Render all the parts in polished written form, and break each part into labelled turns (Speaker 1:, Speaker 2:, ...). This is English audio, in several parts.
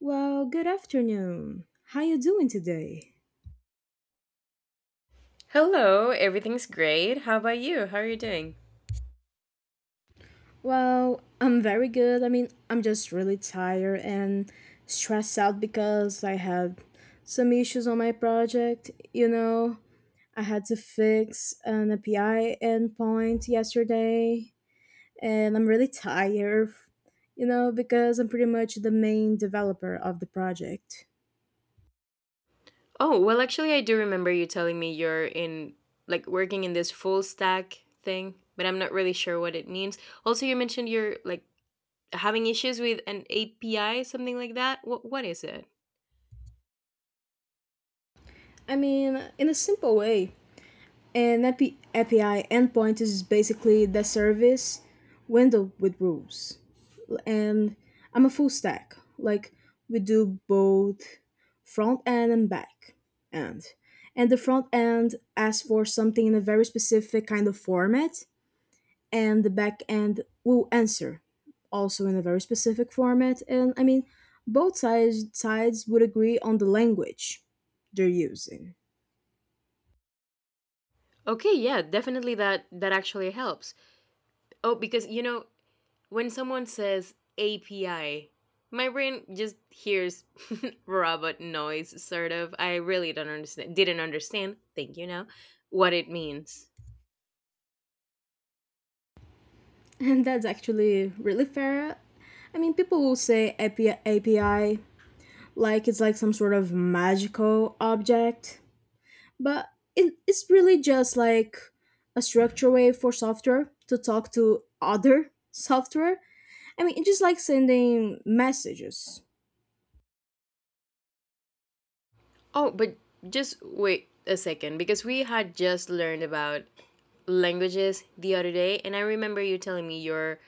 Speaker 1: Well, good afternoon. How you doing today?
Speaker 2: Hello, everything's great. How about you? How are you doing?
Speaker 1: Well, I'm very good. I mean, I'm just really tired and stressed out because I had some issues on my project, you know. I had to fix an API endpoint yesterday, and I'm really tired, you know, because I'm pretty much the main developer of the project.
Speaker 2: Actually, I do remember you telling me you're like working in this full stack thing, but I'm not really sure what it means. Also, you mentioned you're, like, having issues with an API, something like that. What is it?
Speaker 1: I mean, in a simple way, an API endpoint is basically the service window with rules. And I'm a full stack. Like we do both front end and back end. And the front end asks for something in a very specific kind of format, and the back end will answer also in a very specific format. And I mean, both sides would agree on the language they're using.
Speaker 2: Okay, yeah, definitely that actually helps. Oh, because when someone says API, my brain just hears robot noise sort of. I really don't understand didn't understand, thank you now, what it means.
Speaker 1: And that's actually really fair. I mean, people will say API, like it's like some sort of magical object, but it's really just like a structure way for software to talk to other software. I mean, it's just like sending messages.
Speaker 2: Oh, but just wait a second because we had just learned about languages the other day, and I remember you telling me you're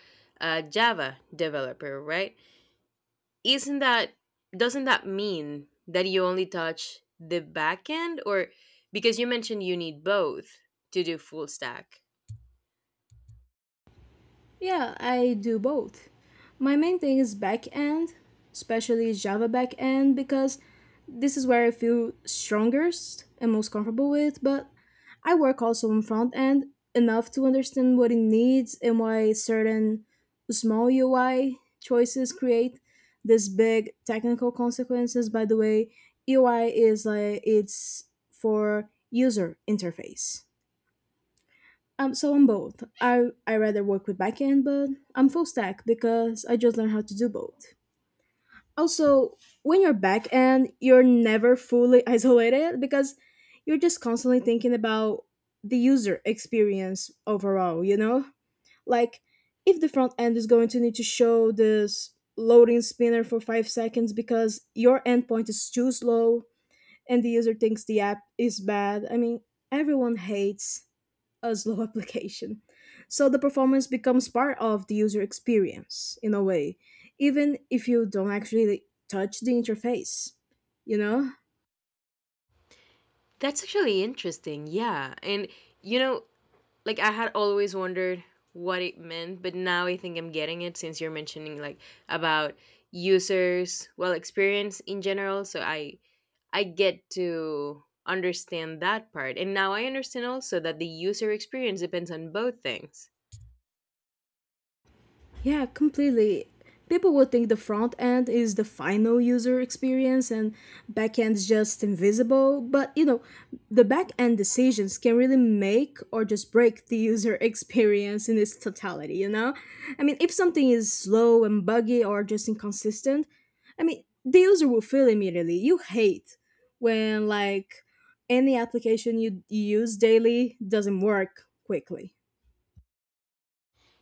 Speaker 2: a Java developer, right? Isn't that doesn't that mean that you only touch the backend, or because you mentioned you need both to do full stack?
Speaker 1: Yeah, I do both. My main thing is backend, especially Java backend, because this is where I feel strongest and most comfortable with. But I work also on front end enough to understand what it needs and why certain small UI choices create this big technical consequences. By the way, UI is like it's for user interface. So I'm both. I rather work with backend, but I'm full stack because I just learned how to do both. Also, when you're backend, you're never fully isolated because you're just constantly thinking about the user experience overall. You know, like if the front end is going to need to show this loading spinner for 5 seconds because your endpoint is too slow, and the user thinks the app is bad. I mean, everyone hates a slow application. So the performance becomes part of the user experience in a way, even if you don't actually touch the interface. You know,
Speaker 2: That's actually interesting. Yeah. And you know, like, I had always wondered what it meant, but now I think I'm getting it since you're mentioning, like, about users, well, experience in general, so I get to understand that part. And now I understand also that the user experience depends on both things.
Speaker 1: yeah, completely. People would think the front end is the final user experience and back end's just invisible, but you know, the back end decisions can really make or just break the user experience in its totality, you know? I mean, if something is slow and buggy or just inconsistent, I mean, the user will feel immediately. You hate when like any application you use daily doesn't work quickly.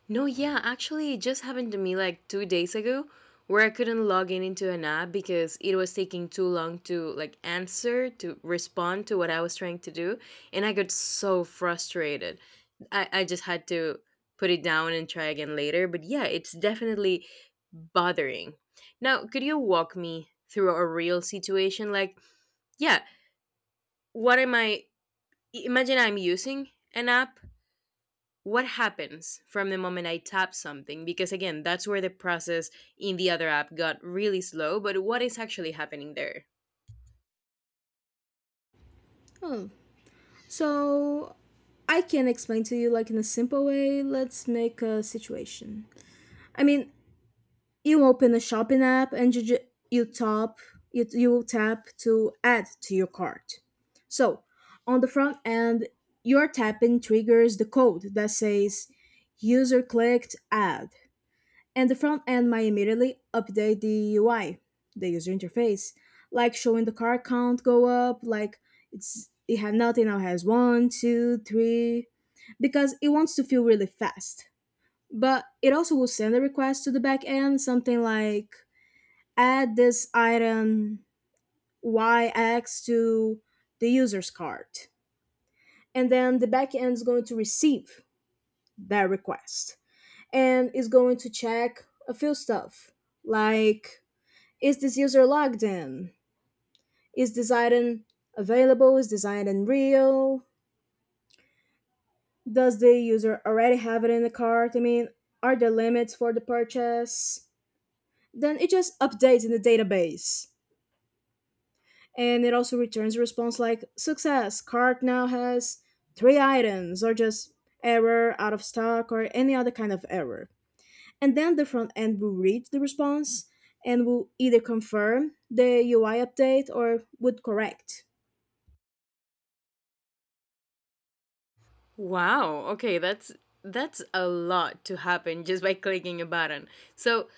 Speaker 2: No, yeah, actually, it just happened to me like 2 days ago, where I couldn't log in into an app because it was taking too long to, like, answer, to respond to what I was trying to do. And I got so frustrated. I just had to put it down and try again later. But yeah, it's definitely bothering. Now, could you walk me through a real situation? Like, yeah, what am I? Imagine I'm using an app, what happens from the moment I tap something? Because again, that's where the process in the other app got really slow, but what is actually happening there?
Speaker 1: So I can explain to you like in a simple way. Let's make a situation. I mean, you open a shopping app and you tap, you tap to add to your cart. So on the front end, your tapping triggers the code that says user clicked add. And the front end might immediately update the UI, the user interface, like showing the card count go up, like it had nothing, now has one, two, three, because it wants to feel really fast. But it also will send a request to the back end, something like add this item YX to the user's card. And then the back end is going to receive that request and is going to check a few stuff like is this user logged in? Is this item available? Is this item real? Does the user already have it in the cart? I mean, are there limits for the purchase? Then it just updates in the database. And it also returns a response like success, cart now has three items, or just error, out of stock, or any other kind of error. And then the front end will read the response and will either confirm the UI update or would correct.
Speaker 2: Wow, okay, that's a lot to happen just by clicking a button. So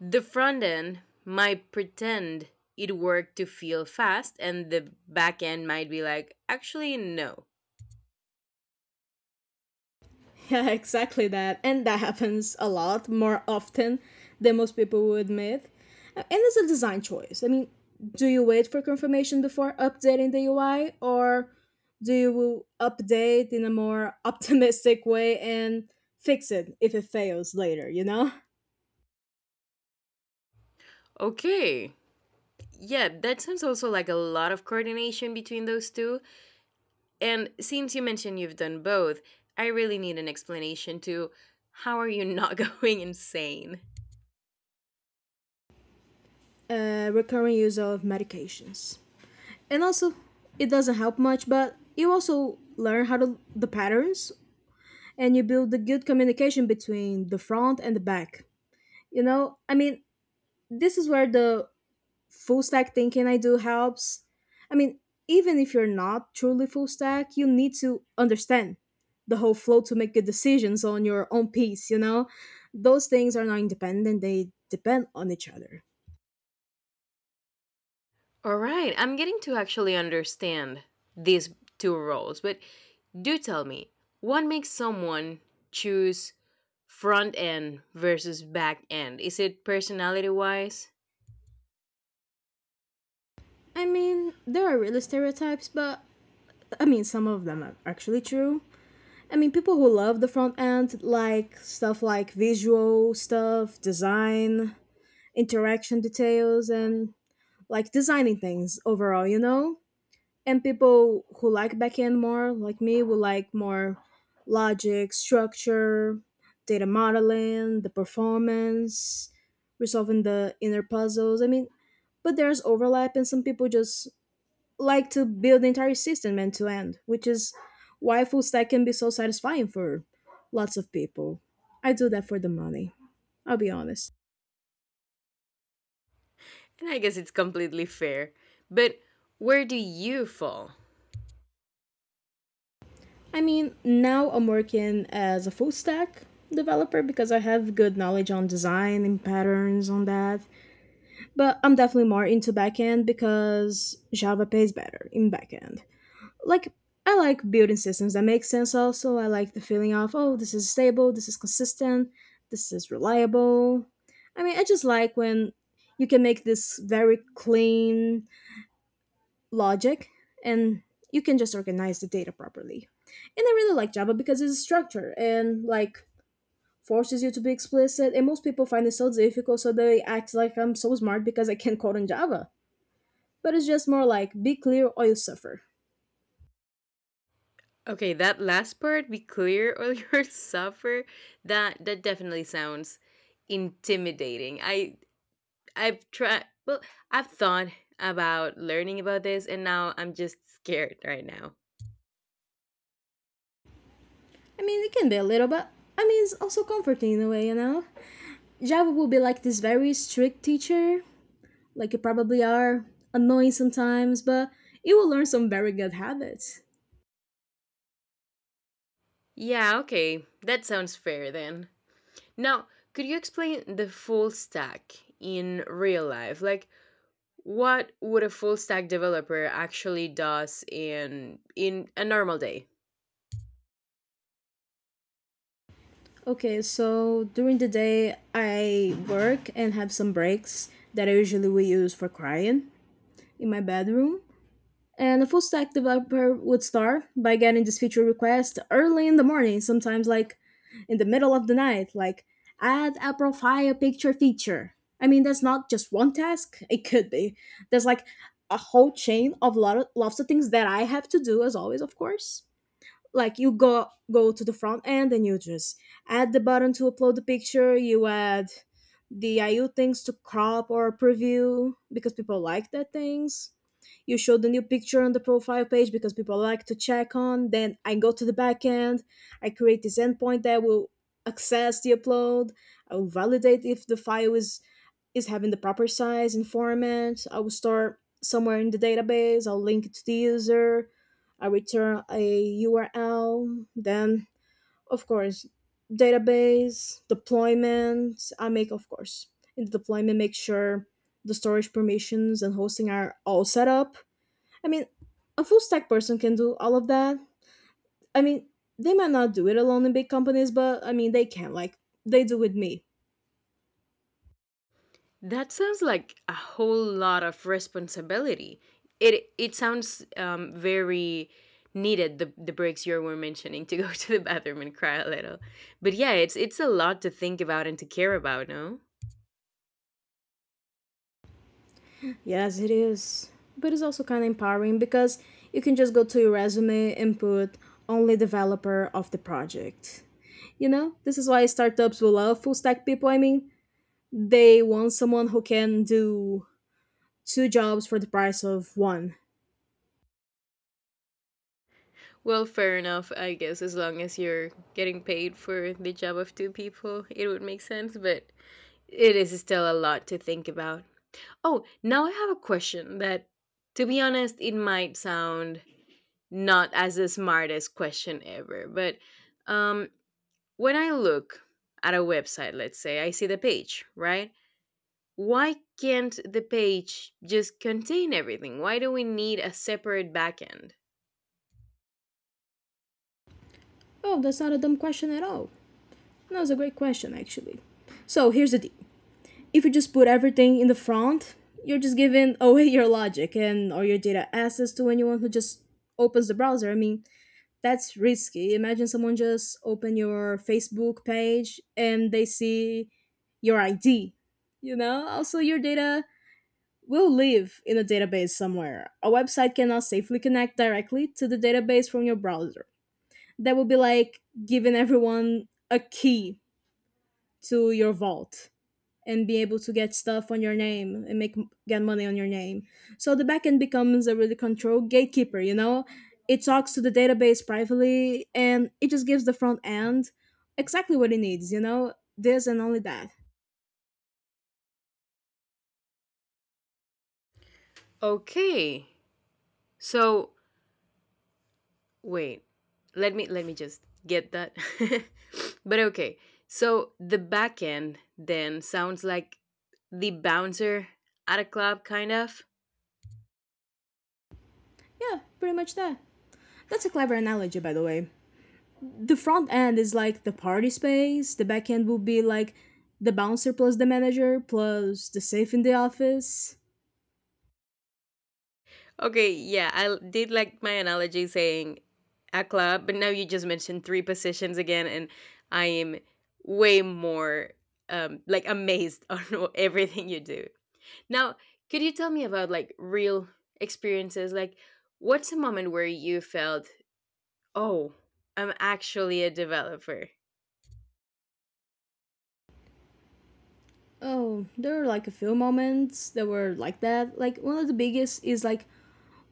Speaker 2: the front end might pretend it worked to feel fast, and the back end might be like, actually no.
Speaker 1: Yeah, exactly that. And that happens a lot more often than most people would admit. And it's a design choice. I mean, do you wait for confirmation before updating the UI or do you update in a more optimistic way and fix it if it fails later, you know?
Speaker 2: Okay. Yeah, that sounds also like a lot of coordination between those two. And since you mentioned you've done both, I really need an explanation to how are you not going insane?
Speaker 1: Recurring use of medications. And also, it doesn't help much, but you also learn how to the patterns and you build the good communication between the front and the back. You know, I mean, this is where the full stack thinking I do helps. I mean, even if you're not truly full stack, you need to understand the whole flow to make good decisions on your own piece, you know? Those things are not independent, they depend on each other.
Speaker 2: All right, I'm getting to actually understand these two roles, but do tell me, what makes someone choose front end versus back end? Is it personality wise?
Speaker 1: I mean, there are really stereotypes, but I mean some of them are actually true. I mean, people who love the front end like stuff like visual stuff, design, interaction details, and like designing things overall, you know? And people who like backend more, like me, will like more logic, structure, data modeling, the performance, resolving the inner puzzles. I mean, but there's overlap, and some people just like to build the entire system end to end, which is why full stack can be so satisfying for lots of people. I do that for the money. I'll be honest.
Speaker 2: And I guess it's completely fair. But where do you fall?
Speaker 1: I mean, now I'm working as a full stack developer because I have good knowledge on design and patterns on that. But I'm definitely more into backend because Java pays better in backend. Like, I like building systems that make sense also. I like the feeling of, oh, this is stable, this is consistent, this is reliable. I mean, I just like when you can make this very clean logic and you can just organize the data properly. And I really like Java because it's structured and like forces you to be explicit. And most people find it so difficult, so they act like I'm so smart because I can code in Java. But it's just more like be clear or you suffer.
Speaker 2: Okay, that last part, be clear or you'll suffer. That definitely sounds intimidating. I I've tried well, I've thought about learning about this, and now I'm just scared right now.
Speaker 1: I mean, it can be a little, but I mean, it's also comforting in a way, you know? Java will be like this very strict teacher, like you probably are, annoying sometimes, but you will learn some very good habits.
Speaker 2: Yeah, okay. That sounds fair then. Now, could you explain the full stack in real life? Like, what would a full stack developer actually does in a normal day?
Speaker 1: Okay, so during the day, I work and have some breaks that I usually will use for crying in my bedroom. And a full stack developer would start by getting this feature request early in the morning, sometimes like in the middle of the night, like add a profile picture feature. I mean, that's not just one task, it could be. There's like a whole chain of lots of things that I have to do, as always, of course, like you go to the front end and you just add the button to upload the picture, you add the iu things to crop or preview because people like that things, you show the new picture on the profile page because people like to check on. Then I go to the back end, I create this endpoint that will access the upload, I will validate if the file is having the proper size and format, I will store somewhere in the database, I'll link it to the user, I return a URL. Then of course, database, deployment, I make, of course, in the deployment, make sure the storage permissions and hosting are all set up. I mean, a full stack person can do all of that. I mean, they might not do it alone in big companies, but I mean they can like they do with me.
Speaker 2: That sounds like a whole lot of responsibility. It sounds very needed, the breaks you were mentioning to go to the bathroom and cry a little. But yeah, it's a lot to think about and to care about, no?
Speaker 1: Yes, it is. But it's also kind of empowering because you can just go to your resume and put only developer of the project. You know, this is why startups will love full stack people. I mean, they want someone who can do 2 jobs for the price of one.
Speaker 2: Well, fair enough, I guess as long as you're getting paid for the job of two people, it would make sense, but it is still a lot to think about. Oh, now I have a question that, to be honest, it might sound not as the smartest question ever. But um, when I look at a website, let's say, I see the page, right? Why can't the page just contain everything? Why do we need a separate backend?
Speaker 1: Oh, that's not a dumb question at all. No, it's a great question, actually. So here's the deal, if you just put everything in the front, you're just giving away your logic and or your data access to anyone who just opens the browser. I mean, that's risky. Imagine someone just open your Facebook page and they see your ID. You know, also your data will live in a database somewhere. A website cannot safely connect directly to the database from your browser. That would be like giving everyone a key to your vault and be able to get stuff on your name and make get money on your name. So the backend becomes a really control gatekeeper, you know? It talks to the database privately and it just gives the front end exactly what it needs, you know? This and only that.
Speaker 2: Okay, so wait, let me just get that. But okay, so the backend then sounds like the bouncer at a club, kind of.
Speaker 1: Yeah, pretty much that. That's a clever analogy by the way. The front end is like the party space, the back end will be like the bouncer plus the manager plus the safe in the office.
Speaker 2: Okay, yeah, I did like my analogy saying a club, but now you just mentioned three positions again, and I am way more like amazed on everything you do. Now, could you tell me about like real experiences? Like, what's a moment where you felt, oh, I'm actually a developer?
Speaker 1: Oh, there are like a few moments that were like that. Like one of the biggest is like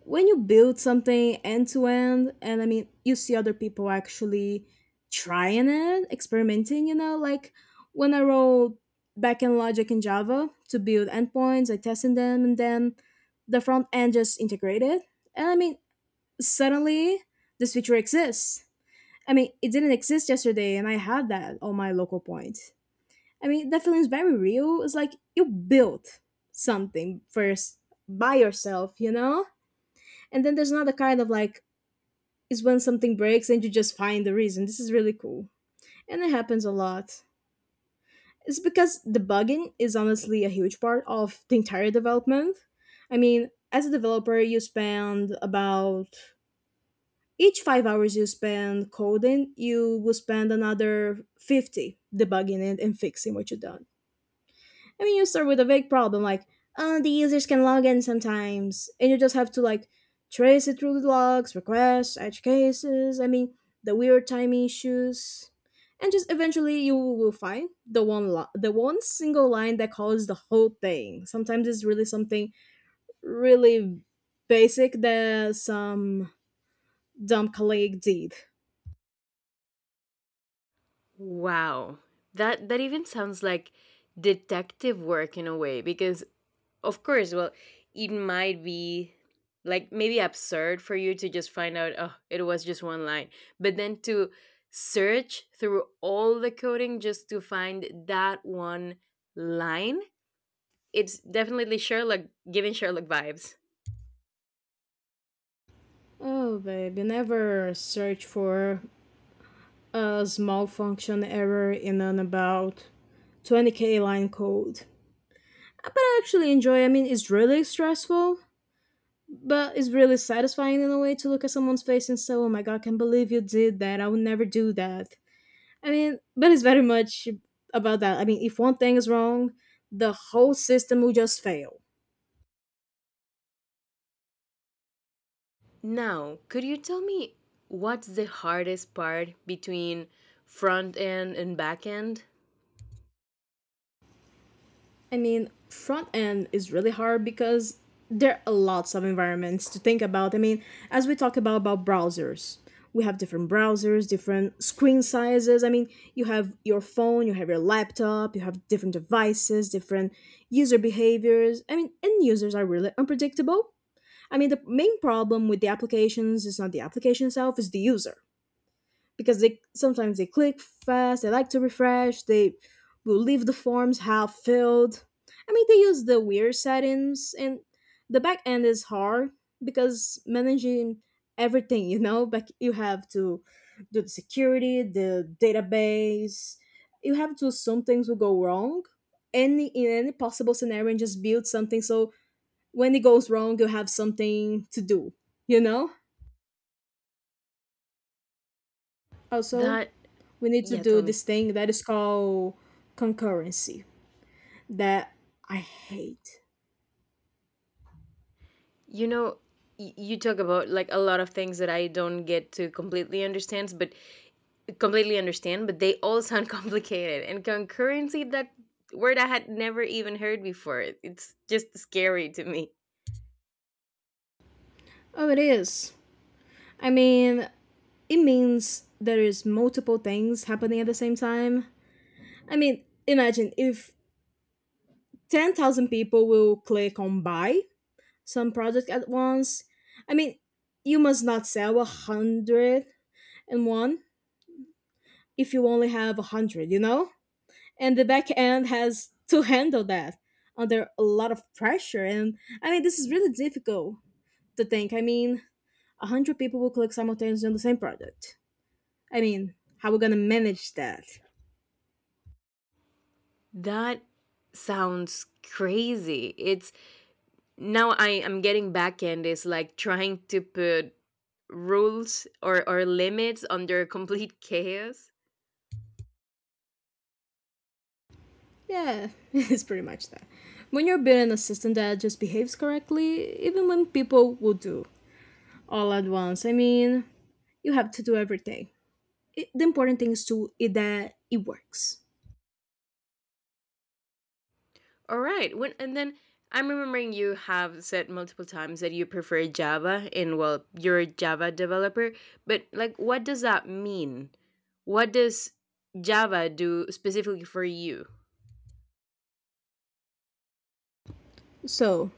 Speaker 1: when you build something end to end. And you see other people actually trying it, experimenting, you know, like when I wrote backend logic in Java to build endpoints, I tested them, and then the front end just integrated. And suddenly this feature exists. It didn't exist yesterday, and I had that on my local point. That feeling is very real. It's like you built something first by yourself, you know. And then there's another kind of, like, is when something breaks and you just find the reason. This is really cool. And it happens a lot. It's because debugging is honestly a huge part of the entire development. I mean, as a developer, you spend about each 5 hours you spend coding, you will spend another 50 debugging it and fixing what you've done. I mean, you start with a vague problem like, the users can log in sometimes, and you just have to like trace it through the logs, requests, edge cases. I mean, the weird timing issues. And just eventually you will find the one single line that covers the whole thing. Sometimes it's really something really basic that some dumb colleague did.
Speaker 2: Wow, that even sounds like detective work in a way because of course. Well, it might be like maybe absurd for you to just find out, oh, it was just one line. But then to search through all the coding just to find that one line, it's definitely Sherlock, giving Sherlock vibes.
Speaker 1: Oh, baby, never search for a small function error in an about 20K line code. I actually enjoy. I mean, it's really stressful, but it's really satisfying in a way to look at someone's face and say, "Oh my god, I can't believe you did that. I would never do that." I mean, but it's very much about that. I mean, if one thing is wrong, the whole system will just fail.
Speaker 2: Now, could you tell me what's the hardest part between front end and back end?
Speaker 1: I mean, front end is really hard because there are lots of environments to think about. I mean, as we talk about browsers, we have different browsers, different screen sizes. I mean, you have your phone, you have your laptop, you have different devices, different user behaviors. I mean, end users are really unpredictable. I mean, the main problem with the applications is not the application itself, it's the user, because they sometimes they click fast, they like to refresh, they will leave the forms half filled. I mean, they use the weird settings. And the back end is hard because managing everything, you know, but you have to do the security, the database. You have to assume things will go wrong any in any possible scenario, and just build something so when it goes wrong you have something to do, you know. Also,
Speaker 2: That,
Speaker 1: we need to
Speaker 2: yeah,
Speaker 1: do
Speaker 2: tell me.
Speaker 1: this thing that is called concurrency, that I hate.
Speaker 2: You know, you talk about like a lot of things that I don't get to completely understand, but they all sound complicated. And concurrency, that word I had never even heard before. It's just scary to me.
Speaker 1: Oh, it is. I mean, it means there is multiple things happening at the same time. I mean, imagine if 10,000 people will click on buy some project at once. I mean, you must not sell a 101 if you only have a 100, you know? And the back end has to handle that under a lot of pressure. And this is really difficult to think. 100 people will click simultaneously on the same product. How we gonna manage that?
Speaker 2: That sounds crazy. It's now I am getting back end is like trying to put rules, or limits under complete chaos.
Speaker 1: Yeah, it's pretty much that. When you're building a system that just behaves correctly even when people will do all at once, you have to do everything. The important thing is that it works.
Speaker 2: All right. When and then I'm remembering you have said multiple times that you prefer Java, and well, you're a Java developer, but like what does that mean? What does Java do specifically for you?
Speaker 1: So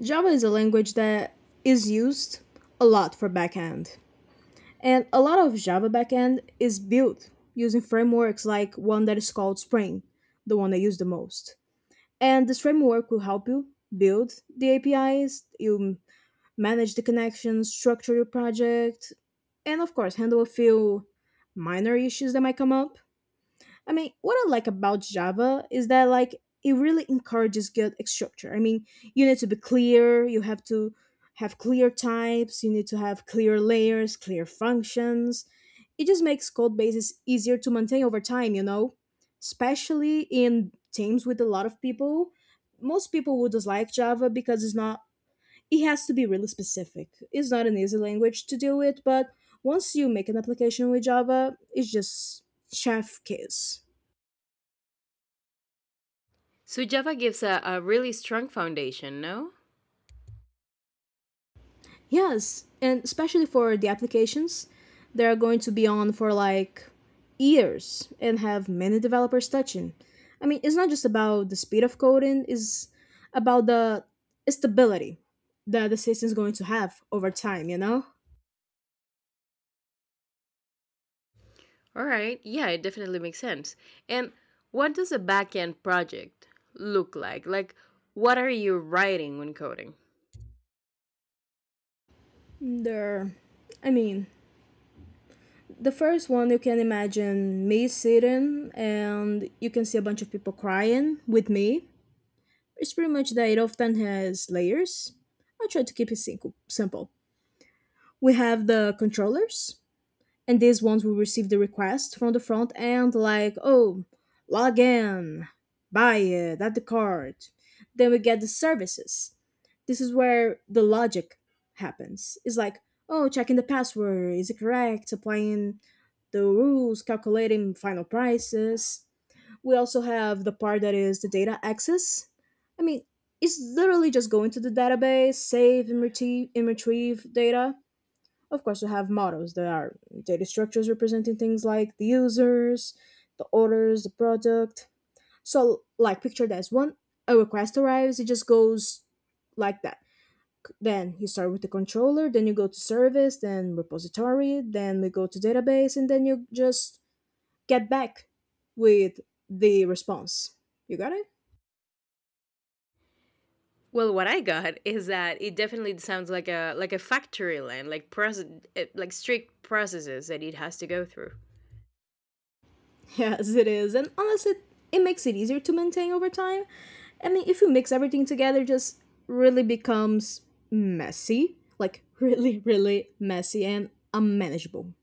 Speaker 1: Java is a language that is used a lot for backend. And a lot of Java backend is built using frameworks, like one that is called Spring, the one I use the most. And this framework will help you build the APIs, you manage the connections, structure your project, and of course, handle a few minor issues that might come up. I mean, what I like about Java is that like it really encourages good structure. I mean, you need to be clear, you have to have clear types, you need to have clear layers, clear functions. It just makes code bases easier to maintain over time, you know? Especially in teams with a lot of people. Most people would dislike Java because it's not, it has to be really specific. It's not an easy language to deal with, but once you make an application with Java, it's just chef kiss.
Speaker 2: So Java gives a really strong foundation, no?
Speaker 1: Yes, and especially for the applications, they're going to be on for like years and have many developers touching. I mean, it's not just about the speed of coding, it's about the stability that the system is going to have over time, you know?
Speaker 2: All right. Yeah, it definitely makes sense. And what does a backend project look like? Like, what are you writing when coding?
Speaker 1: There, I mean, the first one, you can imagine me sitting and you can see a bunch of people crying with me. It's pretty much that it often has layers. I try to keep it simple. We have the controllers, and these ones will receive the request from the front end, like, oh, log in, buy it, add the card. Then we get the services. This is where the logic happens. It's like, oh, checking the password, is it correct? Applying the rules, calculating final prices. We also have the part that is the data access. I mean, it's literally just going to the database, save and retrieve data. Of course, we have models. There are data structures representing things like the users, the orders, the product. So, like, picture this one, a request arrives, it just goes like that. Then you start with the controller, then you go to service, then repository, then we go to database, and then you just get back with the response. You got it?
Speaker 2: Well, what I got is that it definitely sounds like a factory line, like process, eh, like strict processes that it has to go through.
Speaker 1: Yes, it is. And honestly, it makes it easier to maintain over time. I mean, if you mix everything together, it just really becomes messy. Like, really, really messy and unmanageable.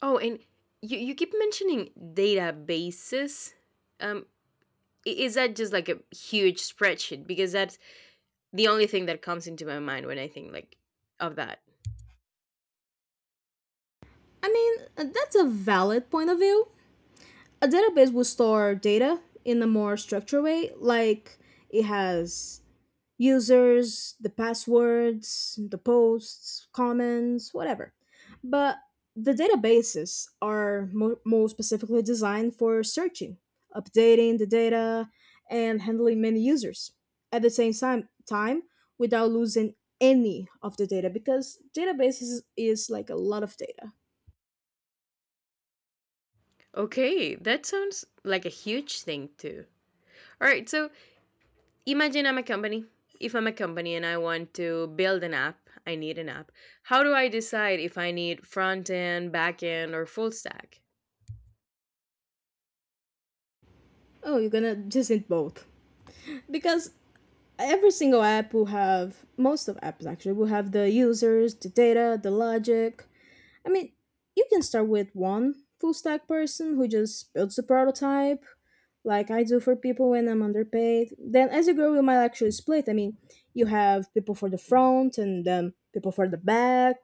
Speaker 2: Oh, and you keep mentioning databases. Um, is that just like a huge spreadsheet? Because that's the only thing that comes into my mind when I think, like, of that.
Speaker 1: I mean, that's a valid point of view. A database will store data in a more structured way, like it has users, the passwords, the posts, comments, whatever. But the databases are more specifically designed for searching, updating the data, and handling many users at the same time, without losing any of the data, because databases is like a lot of data.
Speaker 2: Okay, that sounds like a huge thing too. All right, so imagine I'm a company. If I'm a company and I want to build an app, I need an app. How do I decide if I need front end, back end, or full stack?
Speaker 1: Oh, you're gonna just need both because every single app will have, most of apps actually will have, the users, the data, the logic. I mean, you can start with one full stack person who just builds the prototype, like I do for people when I'm underpaid. Then as you grow, you might actually split. I mean, you have people for the front and then people for the back.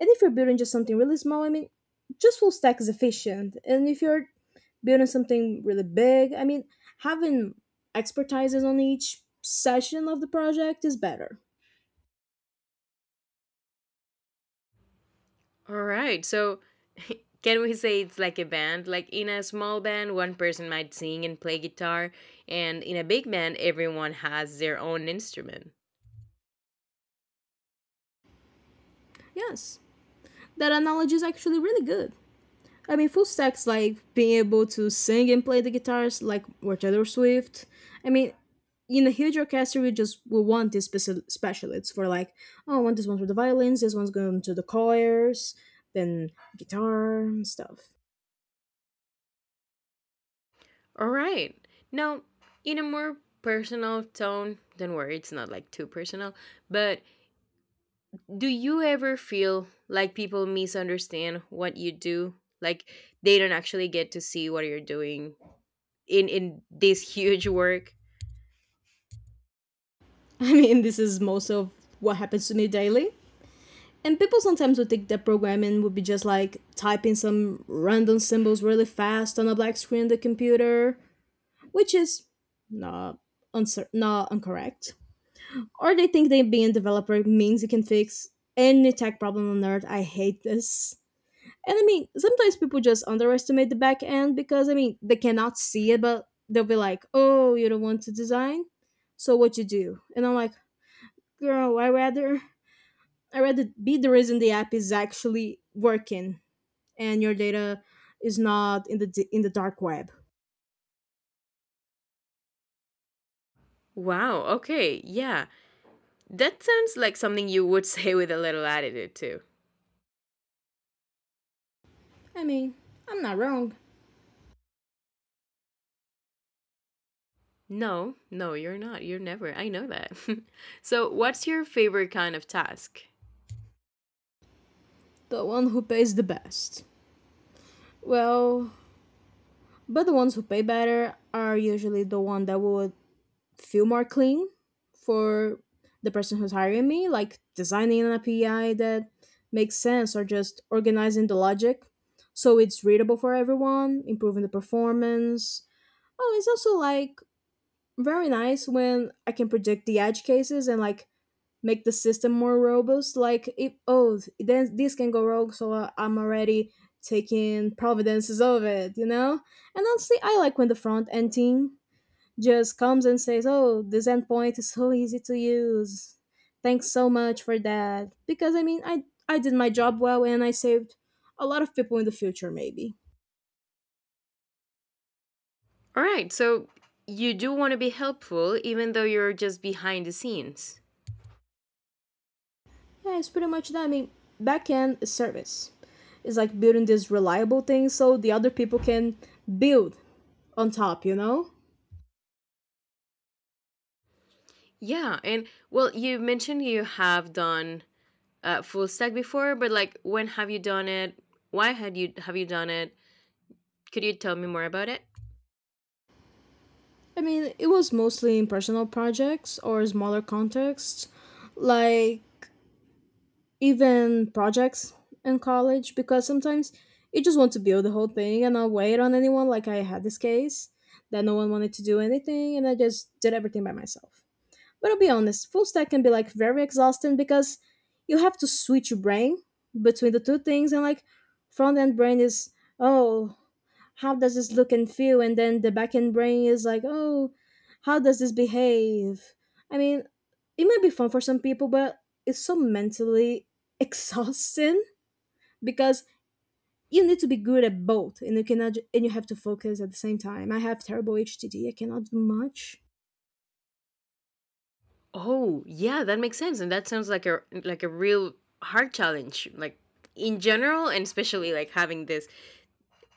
Speaker 1: And if you're building just something really small, I mean, just full stack is efficient. And if you're building something really big, I mean, having expertises on each session of the project is better.
Speaker 2: All right, so can we say it's like a band? Like in a small band, one person might sing and play guitar, and in a big band, everyone has their own instrument.
Speaker 1: Yes, that analogy is actually really good. I mean, full stacks like being able to sing and play the guitars, like were Taylor Swift. I mean, in a huge orchestra, we just, we want these specialists for like, oh, I want this one for the violins, this one's going to the choirs, then guitar and stuff.
Speaker 2: All right, now in a more personal tone, don't worry, it's not like too personal, but do you ever feel like people misunderstand what you do, like they don't actually get to see what you're doing in this huge work?
Speaker 1: I mean, this is most of what happens to me daily. And people sometimes would think that programming would be just like typing some random symbols really fast on a black screen in the computer, which is not not incorrect. Or they think that being a developer means you can fix any tech problem on earth. I hate this. And I mean, sometimes people just underestimate the back end because, I mean, they cannot see it, but they'll be like, "Oh, you don't want to design, so what you do?" And I'm like, "Girl, I rather be the reason the app is actually working and your data is not in in the dark web."
Speaker 2: Wow, okay, yeah, that sounds like something you would say with a little attitude too.
Speaker 1: I mean, I'm not wrong.
Speaker 2: No, you're not, you're never, I know that. So what's your favorite kind of task?
Speaker 1: The one who pays the best. Well, but the ones who pay better are usually the one that would feel more clean for the person who's hiring me, like designing an API that makes sense, or just organizing the logic so it's readable for everyone, improving the performance. Oh, it's also like very nice when I can predict the edge cases and like make the system more robust, like if, oh, then this can go wrong, so I'm already taking providences of it, you know. And honestly, I like when the front end team just comes and says, oh, this endpoint is so easy to use, thanks so much for that, because I did my job well and I saved a lot of people in the future maybe.
Speaker 2: All right, so you do want to be helpful even though you're just behind the scenes.
Speaker 1: Yeah, it's pretty much that. I mean, backend is service. It's like building this reliable thing so the other people can build on top, you know.
Speaker 2: Yeah, and well you mentioned you have done full stack before, but like when have you done it? Why had you have you done it? Could you tell me more about it?
Speaker 1: I mean, it was mostly in personal projects or smaller contexts, like even projects in college, because sometimes you just want to build the whole thing and not wait on anyone. Like I had this case that no one wanted to do anything, and I just did everything by myself. But I'll be honest, full stack can be like very exhausting because you have to switch your brain between the two things, and like front end brain is, oh, how does this look and feel? And then the backend brain is like, oh, how does this behave? I mean, it might be fun for some people, but it's so mentally exhausting because you need to be good at both, and you cannot and you have to focus at the same time. I have terrible HTD; I cannot do much.
Speaker 2: Oh, yeah, that makes sense, and that sounds like a real hard challenge, like in general, and especially like having this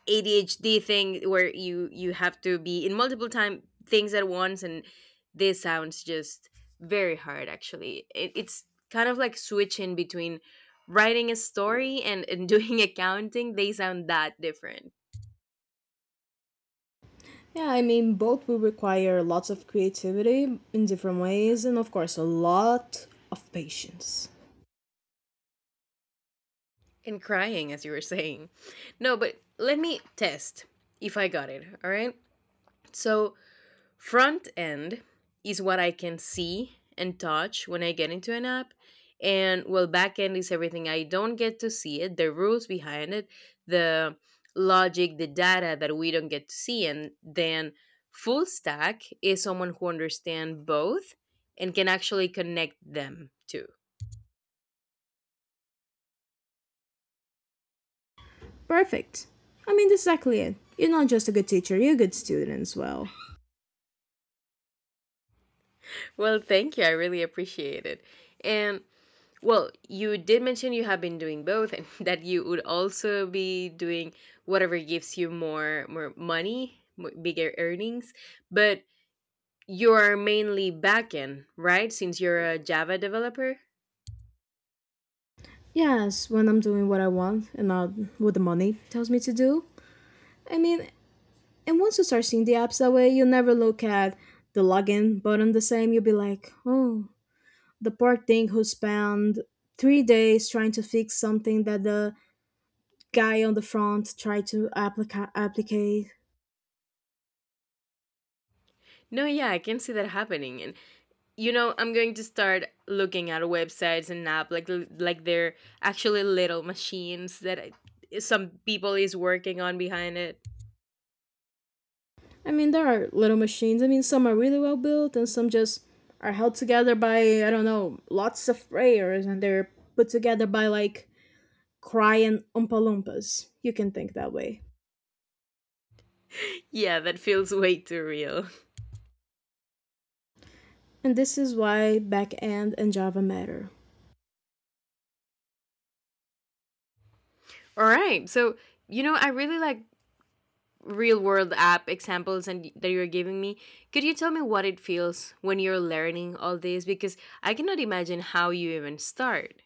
Speaker 2: ADHD thing where you have to be in multiple time things at once, and this sounds just very hard. Actually, it's kind of like switching between writing a story, and doing accounting. They sound that different.
Speaker 1: Yeah, I mean, both will require lots of creativity in different ways, and of course a lot of patience.
Speaker 2: And crying as you were saying. No, but let me test if I got it, all right? So, front end is what I can see and touch when I get into an app. And well, back end is everything I don't get to see it, the rules behind it, the logic, the data that we don't get to see. And then full stack is someone who understands both and can actually connect them too.
Speaker 1: Perfect. I mean, that's exactly it. You're not just a good teacher, you're a good student as well.
Speaker 2: Well, thank you. I really appreciate it. And well, you did mention you have been doing both and that you would also be doing whatever gives you more money, bigger earnings, but you are mainly backend, right? Since you're a Java developer?
Speaker 1: Yes, when I'm doing what I want and not what the money tells me to do. I mean, and once you start seeing the apps that way, you'll never look at the login button the same. You'll be like, oh, the poor thing who spent 3 days trying to fix something that the guy on the front tried to applicate.
Speaker 2: No, yeah, I can see that happening. And you know, I'm going to start looking at websites and app like they're actually little machines that I, some people is working on behind it.
Speaker 1: I mean, there are little machines. I mean, some are really well built, and some just are held together by, I don't know, lots of layers, and they're put together by like crying Oompa Loompas. You can think that way.
Speaker 2: Yeah, that feels way too real.
Speaker 1: And this is why backend and Java matter.
Speaker 2: All right. So, you know, I really like real world app examples, and that you're giving me, could you tell me what it feels when you're learning all this? Because I cannot imagine how you even start.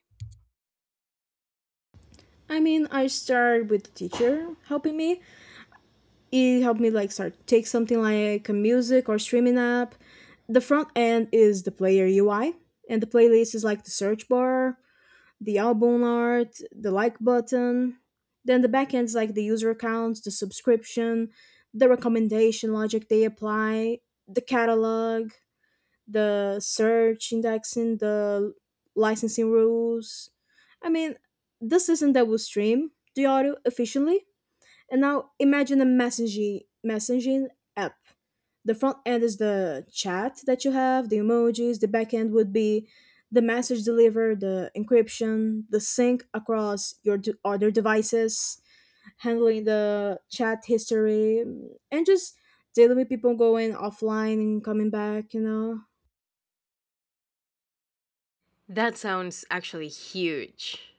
Speaker 1: I mean, I started with the teacher helping me. He helped me like start take something like a music or streaming app. The front end is the player UI, and the playlist is like the search bar, the album art, the like button. Then the backend is like the user accounts, the subscription, the recommendation logic they apply, the catalog, the search indexing, the licensing rules. I mean, the system that will stream the audio efficiently. And now imagine a messaging app. The front end is the chat that you have, the emojis. The back end would be the message delivered, the encryption, the sync across your other devices, handling the chat history, and just dealing with people going offline and coming back.
Speaker 2: That sounds actually huge.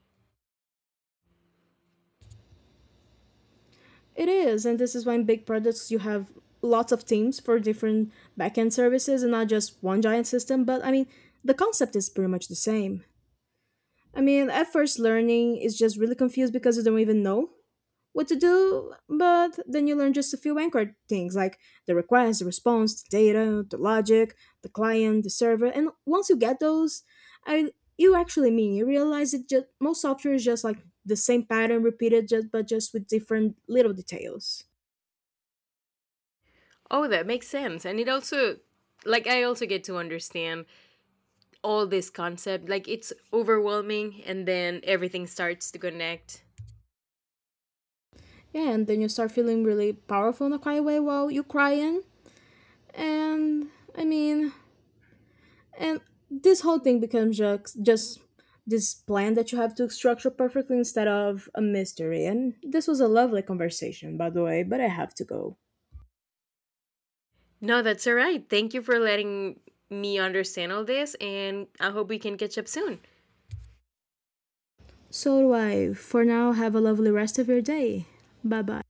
Speaker 1: It is, and this is why in big products you have lots of teams for different backend services and not just one giant system. But I mean, the concept is pretty much the same. I mean, at first, learning is just really confused because you don't even know what to do, but then you learn just a few anchor things like the request, the response, the data, the logic, the client, the server, and once you get those, I you actually mean you realize it just most software is just like the same pattern repeated just but just with different little details.
Speaker 2: Oh, that makes sense, and it also, like, I also get to understand all this concept, like it's overwhelming, and then everything starts to connect.
Speaker 1: Yeah, and then you start feeling really powerful in a quiet way while you're crying. And I mean, and this whole thing becomes just this plan that you have to structure perfectly instead of a mystery. And this was a lovely conversation, by the way, but I have to go.
Speaker 2: No, that's all right, thank you for letting me understand all this, and I hope we can catch up soon.
Speaker 1: So do I. For now, have a lovely rest of your day. Bye bye.